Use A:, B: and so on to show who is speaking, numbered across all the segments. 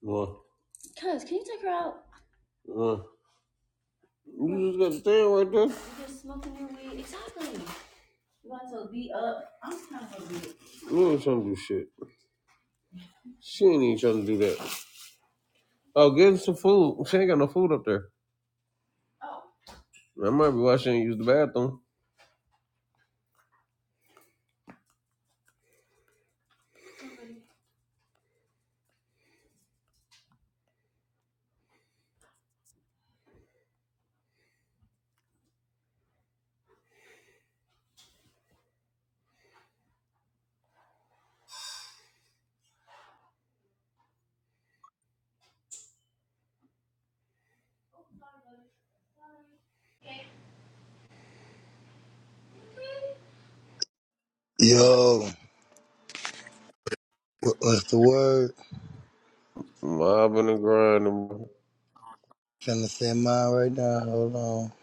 A: Well, well, you just got to stand right there. You ain't trying to do shit. She ain't even trying to do that. Oh, get her some food. She ain't got no food up there. I might be why she ain't use the bathroom.
B: Yo, what- what's the word?
A: Mobbing and grinding.
B: Trying to say mine right now. Hold on.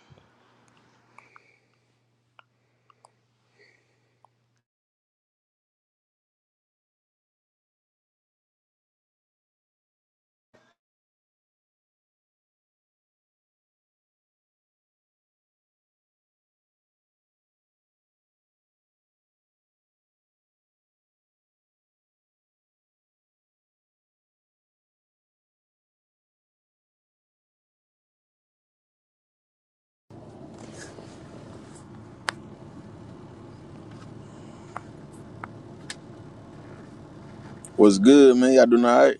C: What's good, man? Y'all doing all right?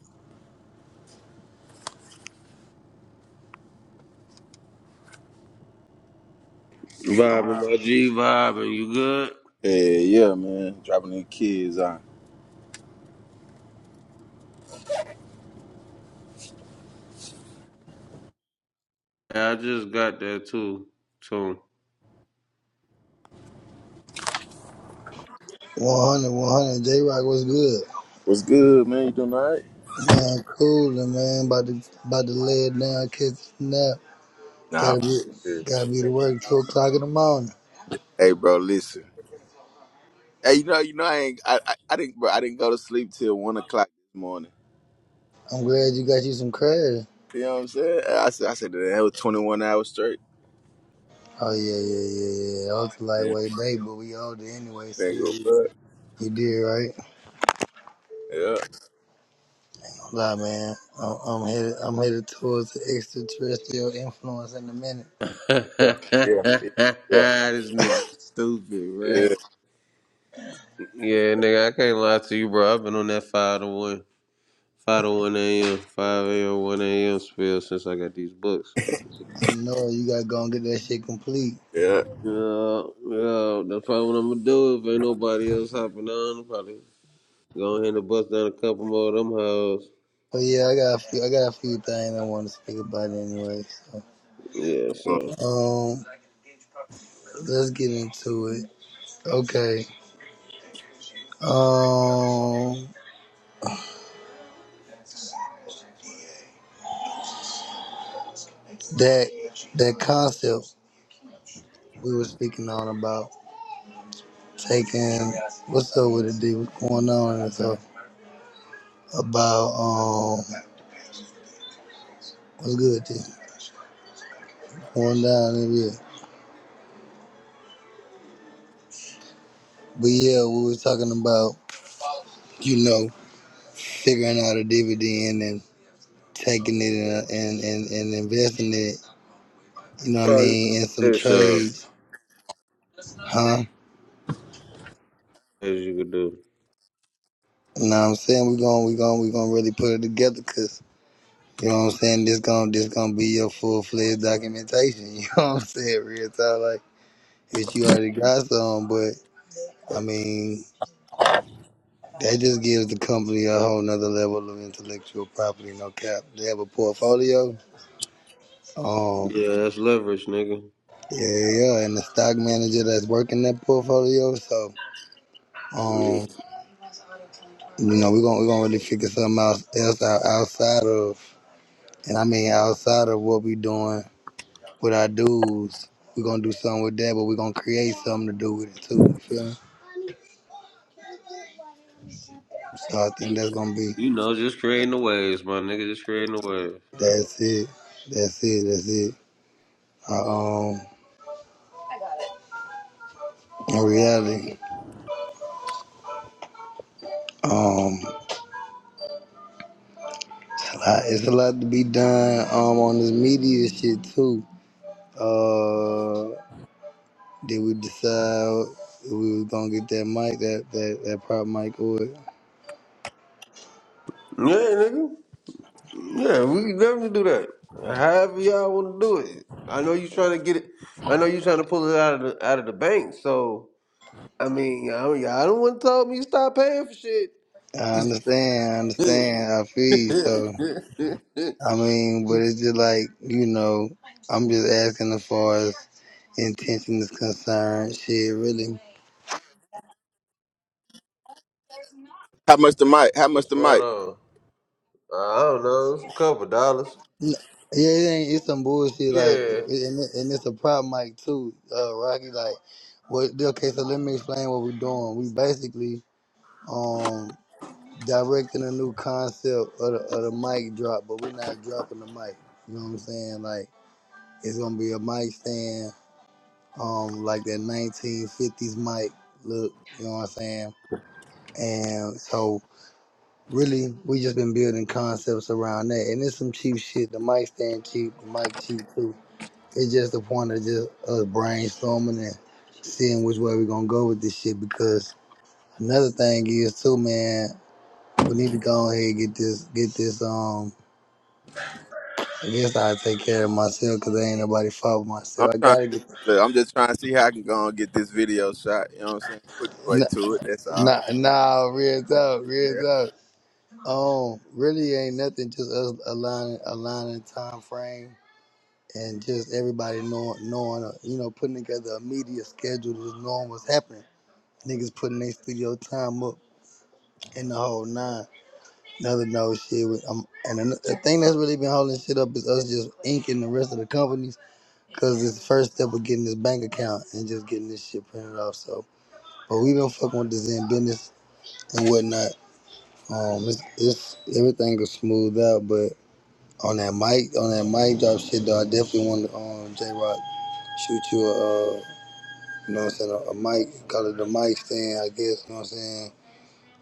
A: Vibing, my G vibing. You good?
C: Hey, yeah, man. Dropping the kids on.
A: Yeah, I just got there too. Too.
B: 100, 100. J Rock, what's good?
C: What's good, man? You doing all right?
B: Man, coolin', man. About to, about to lay it down, catch a nap.
C: Nah.
B: Gotta
C: for
B: be,
C: sure.
B: gotta be to work two o'clock in the morning.
C: Hey, bro, listen. Hey, you know, you know, I ain't, I, I, I didn't, bro, I didn't go to sleep till one o'clock this morning.
B: I'm glad you got you some credit.
C: You know what I'm saying? I said, I said that that was 21 hours straight.
B: Oh yeah, yeah, yeah, yeah. I was a
C: Yeah.
B: lightweight day, but we all did anyway. So
C: Thank
B: yeah,
C: you.
B: you,
C: What?
B: you did right.
C: Yeah.
B: Nah, man. I'm, I'm headed, I'm headed towards the extraterrestrial influence in a minute.
A: this
C: Yeah. Yeah. Yeah.
A: nigga stupid,
C: Yeah.
A: bruh. Yeah, nigga, I can't lie to you, bro. I've been on that 5 to 1. 5 to 1 a.m. 5 a.m. 1 a.m. spill since I got these books.
B: I know you gotta go and get that shit complete.
C: Yeah.
A: Yeah, yeah, that's probably what I'm gonna do if ain't nobody else hopping on. I'm probably go ahead and bust down a couple more of them hoes.
B: But yeah, I got a few, I got a few things I want to speak about anyway.
A: Yeah,
C: Mm.
A: so.
B: So, um, let's get into it. Okay. Um, that that concept we were speaking on about taking what's up with it, D? What's going on and stuff about um what's good, D? Going down in here. But yeah, we were talking about you know figuring out a dividend and taking it and and and, and investing it. You know what I
A: Right.
B: mean in some
A: Yeah, sure.
B: trades huh?
A: As you could do.
B: You know what I'm saying? We're gonna we are going we gonna really put it together cause you know what I'm saying, this gonna this gonna be your full fledged documentation, you know what I'm saying? Real talk like if you already got some, but I mean that just gives the company a whole nother level of intellectual property, no cap. They have a portfolio. Um
A: Yeah, that's leverage, nigga.
B: yeah, yeah, yeah, and the stock manager that's working that portfolio, so
A: Yeah.
B: um, you know, we're gonna we're gonna really figure something else, else out outside of and I mean outside of what we doing with our dudes. We're gonna do something with that, but we're gonna create something to do with it too. You feel me? So I think that's
A: You
B: gonna be
A: know, just creating the waves, my nigga. Just creating the waves.
B: that's it. That's it, that's it. Uh, um in reality. Um it's a lot to be done um on this media shit too. Uh did we decide if we were gonna get that mic, that that, that prop mic or it?
A: Yeah, nigga. Yeah, we can definitely do that. However y'all want to do it. I know you trying to get it. I know you trying to pull it out of the out of the bank. So I mean, I don't, y'all don't want to tell me stop paying for shit.
B: I understand, I understand, I feel you, so I mean, but it's just like, you know, I'm just asking as far as intention is concerned, shit, really.
C: How much the mic? How much
A: What's
C: the
A: spot
C: mic?
A: on? I don't know. It's a couple dollars.
B: Yeah, it ain't. It's some bullshit. Like,
A: Yeah.
B: and, it- and it's a problem, like too, uh, Rocky. Like, what? Okay, so let me explain what we're doing. We basically um directing a new concept of the, of the mic drop, but we're not dropping the mic. You know what I'm saying? Like, it's gonna be a mic stand, um, like that 1950s mic look. You know what I'm saying? And so Really, we just been building concepts around that, and it's some cheap shit. The mic stand cheap, the mic cheap too. It's just the point of just us brainstorming and seeing which way we're gonna go with this shit. Because another thing is too, man, we need to go ahead and get this, get this. Um, I guess I take care of myself because ain't nobody fault but
C: I'm
B: myself. I
C: trying
B: gotta
C: to,
B: get.
C: look, I'm just trying to see how I can go and get this video shot. You know what I'm saying? Quick way
B: Nah,
C: to it. That's all.
B: nah, nah real up,
C: Yeah.
B: real up. Um, really ain't nothing. Just us aligning, aligning time frame and just everybody knowing, knowing, uh, you know, putting together a media schedule, just knowing what's happening. Niggas putting their studio time up in the whole nine. Another no shit. With, um, and an- the thing that's really been holding shit up is us just inking the rest of the companies because it's the first step of getting this bank account and just getting this shit printed off. So, but we been fucking with the Zen business and whatnot. Um, it's, it's everything is smooth out, but on that mic, on that mic drop shit though, I definitely want to um J Rock shoot you a. uh, You know what I'm saying? A, a mic, call it a mic stand, I guess. You know what I'm saying?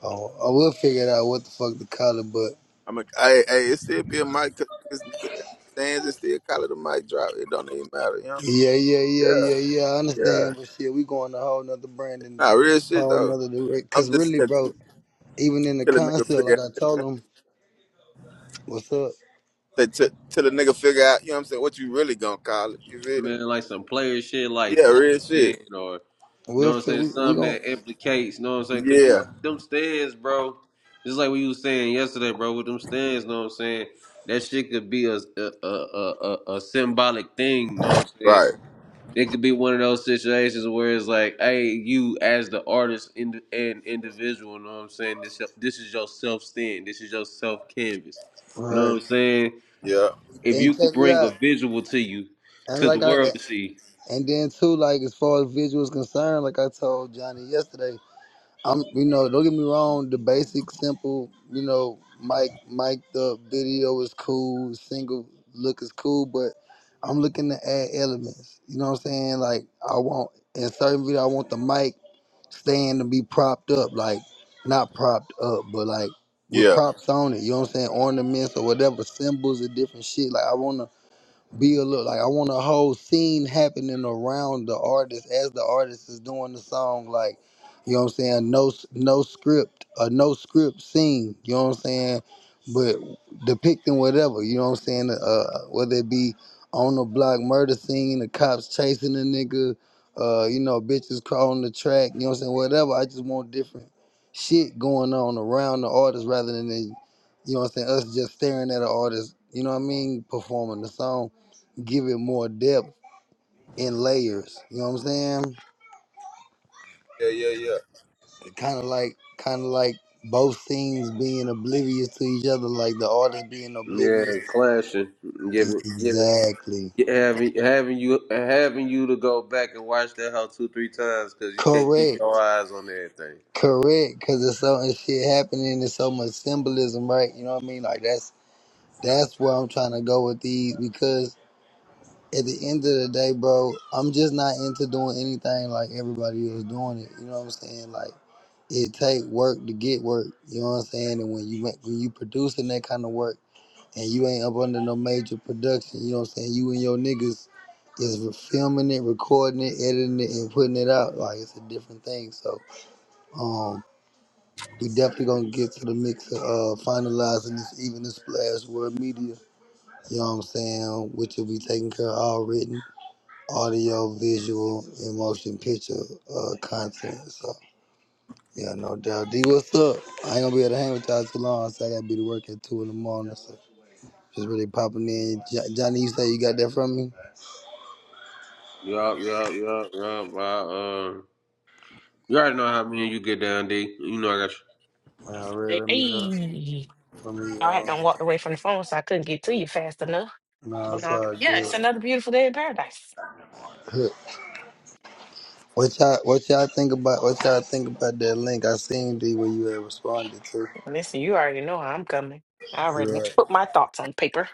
B: Oh, I will figure it out what the fuck to call it, but
C: I'm a, hey, hey, it still be a mic 'cause niggas, niggas got the stands. and still call it a mic drop. It don't even matter, you know?
B: yeah, yeah, yeah,
C: Yeah,
B: yeah, yeah. I
C: yeah.
B: understand, but shit, we going a whole nother brand and
C: Nah, real shit,
B: whole
C: though.
B: nother direct. Cause
C: I'm just
B: really,
C: yeah,
B: bro, even in the
C: till a nigga
B: concept,
C: figure
B: like
C: out
B: I
C: that,
B: told
C: man.
B: him, what's up?
C: Till, till, till a nigga figure out, you know what I'm saying, what you really gonna call it. You feel me?
A: Man, like some player shit like
C: Yeah,
A: selling
C: real shit.
A: it or, you know
B: We'll
A: what I'm
B: fit.
A: saying?
B: We we
A: Something
B: gon'
A: that implicates, you know what I'm saying? Because, you
C: Yeah.
A: know, them stands, bro, just like we was saying yesterday, bro, with them stands, you know what I'm saying? That shit could be a, a, a, a, a a symbolic thing, you know what I'm saying?
C: Right.
A: It could be one of those situations where it's like, hey, you as the artist ind- and individual, you know what I'm saying? This, this is your self stand. This is your self canvas. You know what
B: right
A: I'm saying?
C: Yeah.
A: If
B: and
A: you
B: check
A: could
B: it
A: bring a
B: out.
A: visual to you,
B: And
A: to the
B: like I
A: world to see.
B: and then too, like as far as visual is concerned, like I told Johnny yesterday. I'm, you know, don't get me wrong. The basic, simple, you know, Mike, Mike, the video is cool. Single look is cool, but I'm looking to add elements. You know what I'm saying? Like I want in certain video, I want the mic stand to be propped up, like not propped up, but like with
C: Yeah.
B: props on it. You know what I'm saying? Ornaments or whatever, symbols or different shit. Like I want to be a little like I want a whole scene happening around the artist as the artist is doing the song. Like, you know what I'm saying? No, s- no script, a no script scene. You know what I'm saying? But depicting whatever. You know what I'm saying? Uh, whether it be on the block murder scene, the cops chasing the nigga, uh, you know, bitches crawling the track. You know what I'm saying? Whatever. I just want different shit going on around the artist rather than you know what I'm saying us just staring at an artist. You know what I mean? Performing the song give it more depth in layers. You know what I'm saying?
C: Yeah, yeah, yeah.
B: Kind of like, kind of like both things being oblivious to each other, like the artist being
A: Yeah,
B: oblivious.
A: clashing, giving, giving,
B: Exactly.
A: having, having you, having you to go back and watch that hoe two, three times because you can't keep your
B: Correct.
A: eyes on everything.
B: Correct. Cause there's so much shit happening. There's so much symbolism, right? You know what I mean? Like that's that's where I'm trying to go with these because at the end of the day, bro, I'm just not into doing anything like everybody else doing it. You know what I'm saying? Like it take work to get work. You know what I'm saying? And when you make- when you producing that kind of work and you ain't up under no major production, you know what I'm saying? You and your niggas is re- filming it, recording it, editing it, and putting it out. Like it's a different thing. So um, we definitely gonna get to the mix of uh, finalizing this even this splash word media. You know what I'm saying? Which will be taken care of all written audio, visual, and motion picture uh, content. So yeah, no doubt. D, what's up? I ain't gonna be able to hang with y'all too long, so I gotta be to work at two in the morning. So just really popping in. Jo- Johnny, you say you got that from me?
A: Yup, yup, yup, yup. I, uh, you already know how me and you get down, D. You know I got you.
B: All right,
D: Hey,
B: let me uh,
D: hey.
B: let me
D: I had
B: um.
D: done walked away from the phone, so I couldn't get to you fast enough.
B: Nah,
D: But
B: it's
D: um,
B: all
D: yeah, it's
B: good.
D: another beautiful day in paradise.
B: Huh. What y'all what y'all think about what y'all think about that link? I seen D where you had responded to.
D: Listen, you already know how I'm coming. I already
B: Right.
D: put my thoughts on paper.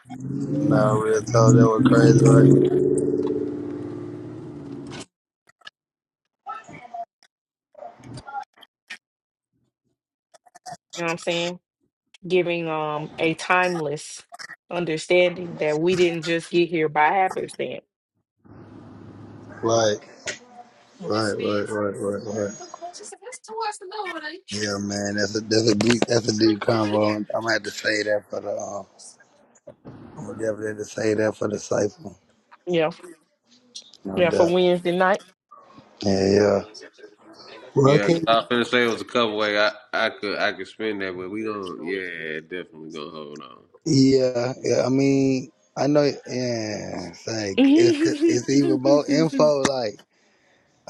B: Nah, real talk, that was crazy, right?
D: You know what I'm saying? Giving um a timeless understanding that we didn't just get here by happenstance.
B: Right. Right, right, right, right, right. Yeah, man, that's a that's a deep that's a deep convo. I'm gonna have to say that for the um, I'm gonna definitely have to say that for the cipher,
D: Yeah,
B: no
D: yeah, for
B: doubt.
D: Wednesday night.
B: Yeah, yeah. Well, I
A: Yeah, 'cause
B: can't.
A: I was finna say it was a couple way I, I could, I could spend that, but we gonna, yeah, definitely gonna hold on.
B: Yeah, yeah. I mean, I know. Yeah, it's like it's it's even more info. Like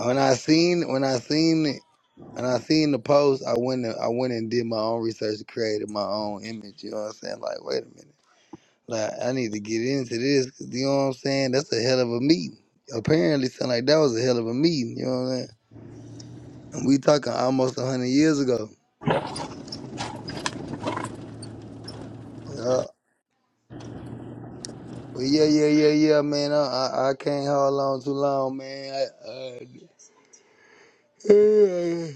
B: when I seen when I seen it when I seen the post, I went and, I went and did my own research, and created my own image. You know what I'm saying? Like, wait a minute. Like I need to get into this, You know what I'm saying? That's a hell of a meeting. Apparently, sound like that was a hell of a meeting. You know what I'm saying? And we talking almost a hundred years ago. Yeah. But yeah, yeah, yeah, yeah, man. I I, I can't hold on too long, man. I, I,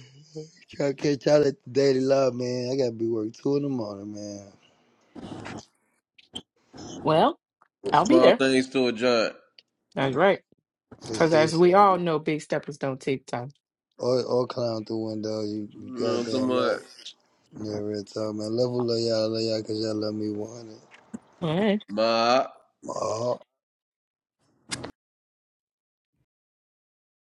B: try to catch y'all at the Daily Love, man. I gotta be work two in the morning, man.
D: Well, I'll be
A: Small
D: there.
A: things to a giant.
D: That's right.
B: For
D: Because
B: shit,
D: as
B: so-
D: we all know, big steppers don't take time.
B: or or climb through windows. You,
A: You
B: you
A: know what I'm talking
B: goddamn right.
A: about?
B: Yeah, real talk, man. Love, who love y'all, love y'all, cause y'all love me one hundred.
D: All right.
A: Ma.
B: My heart.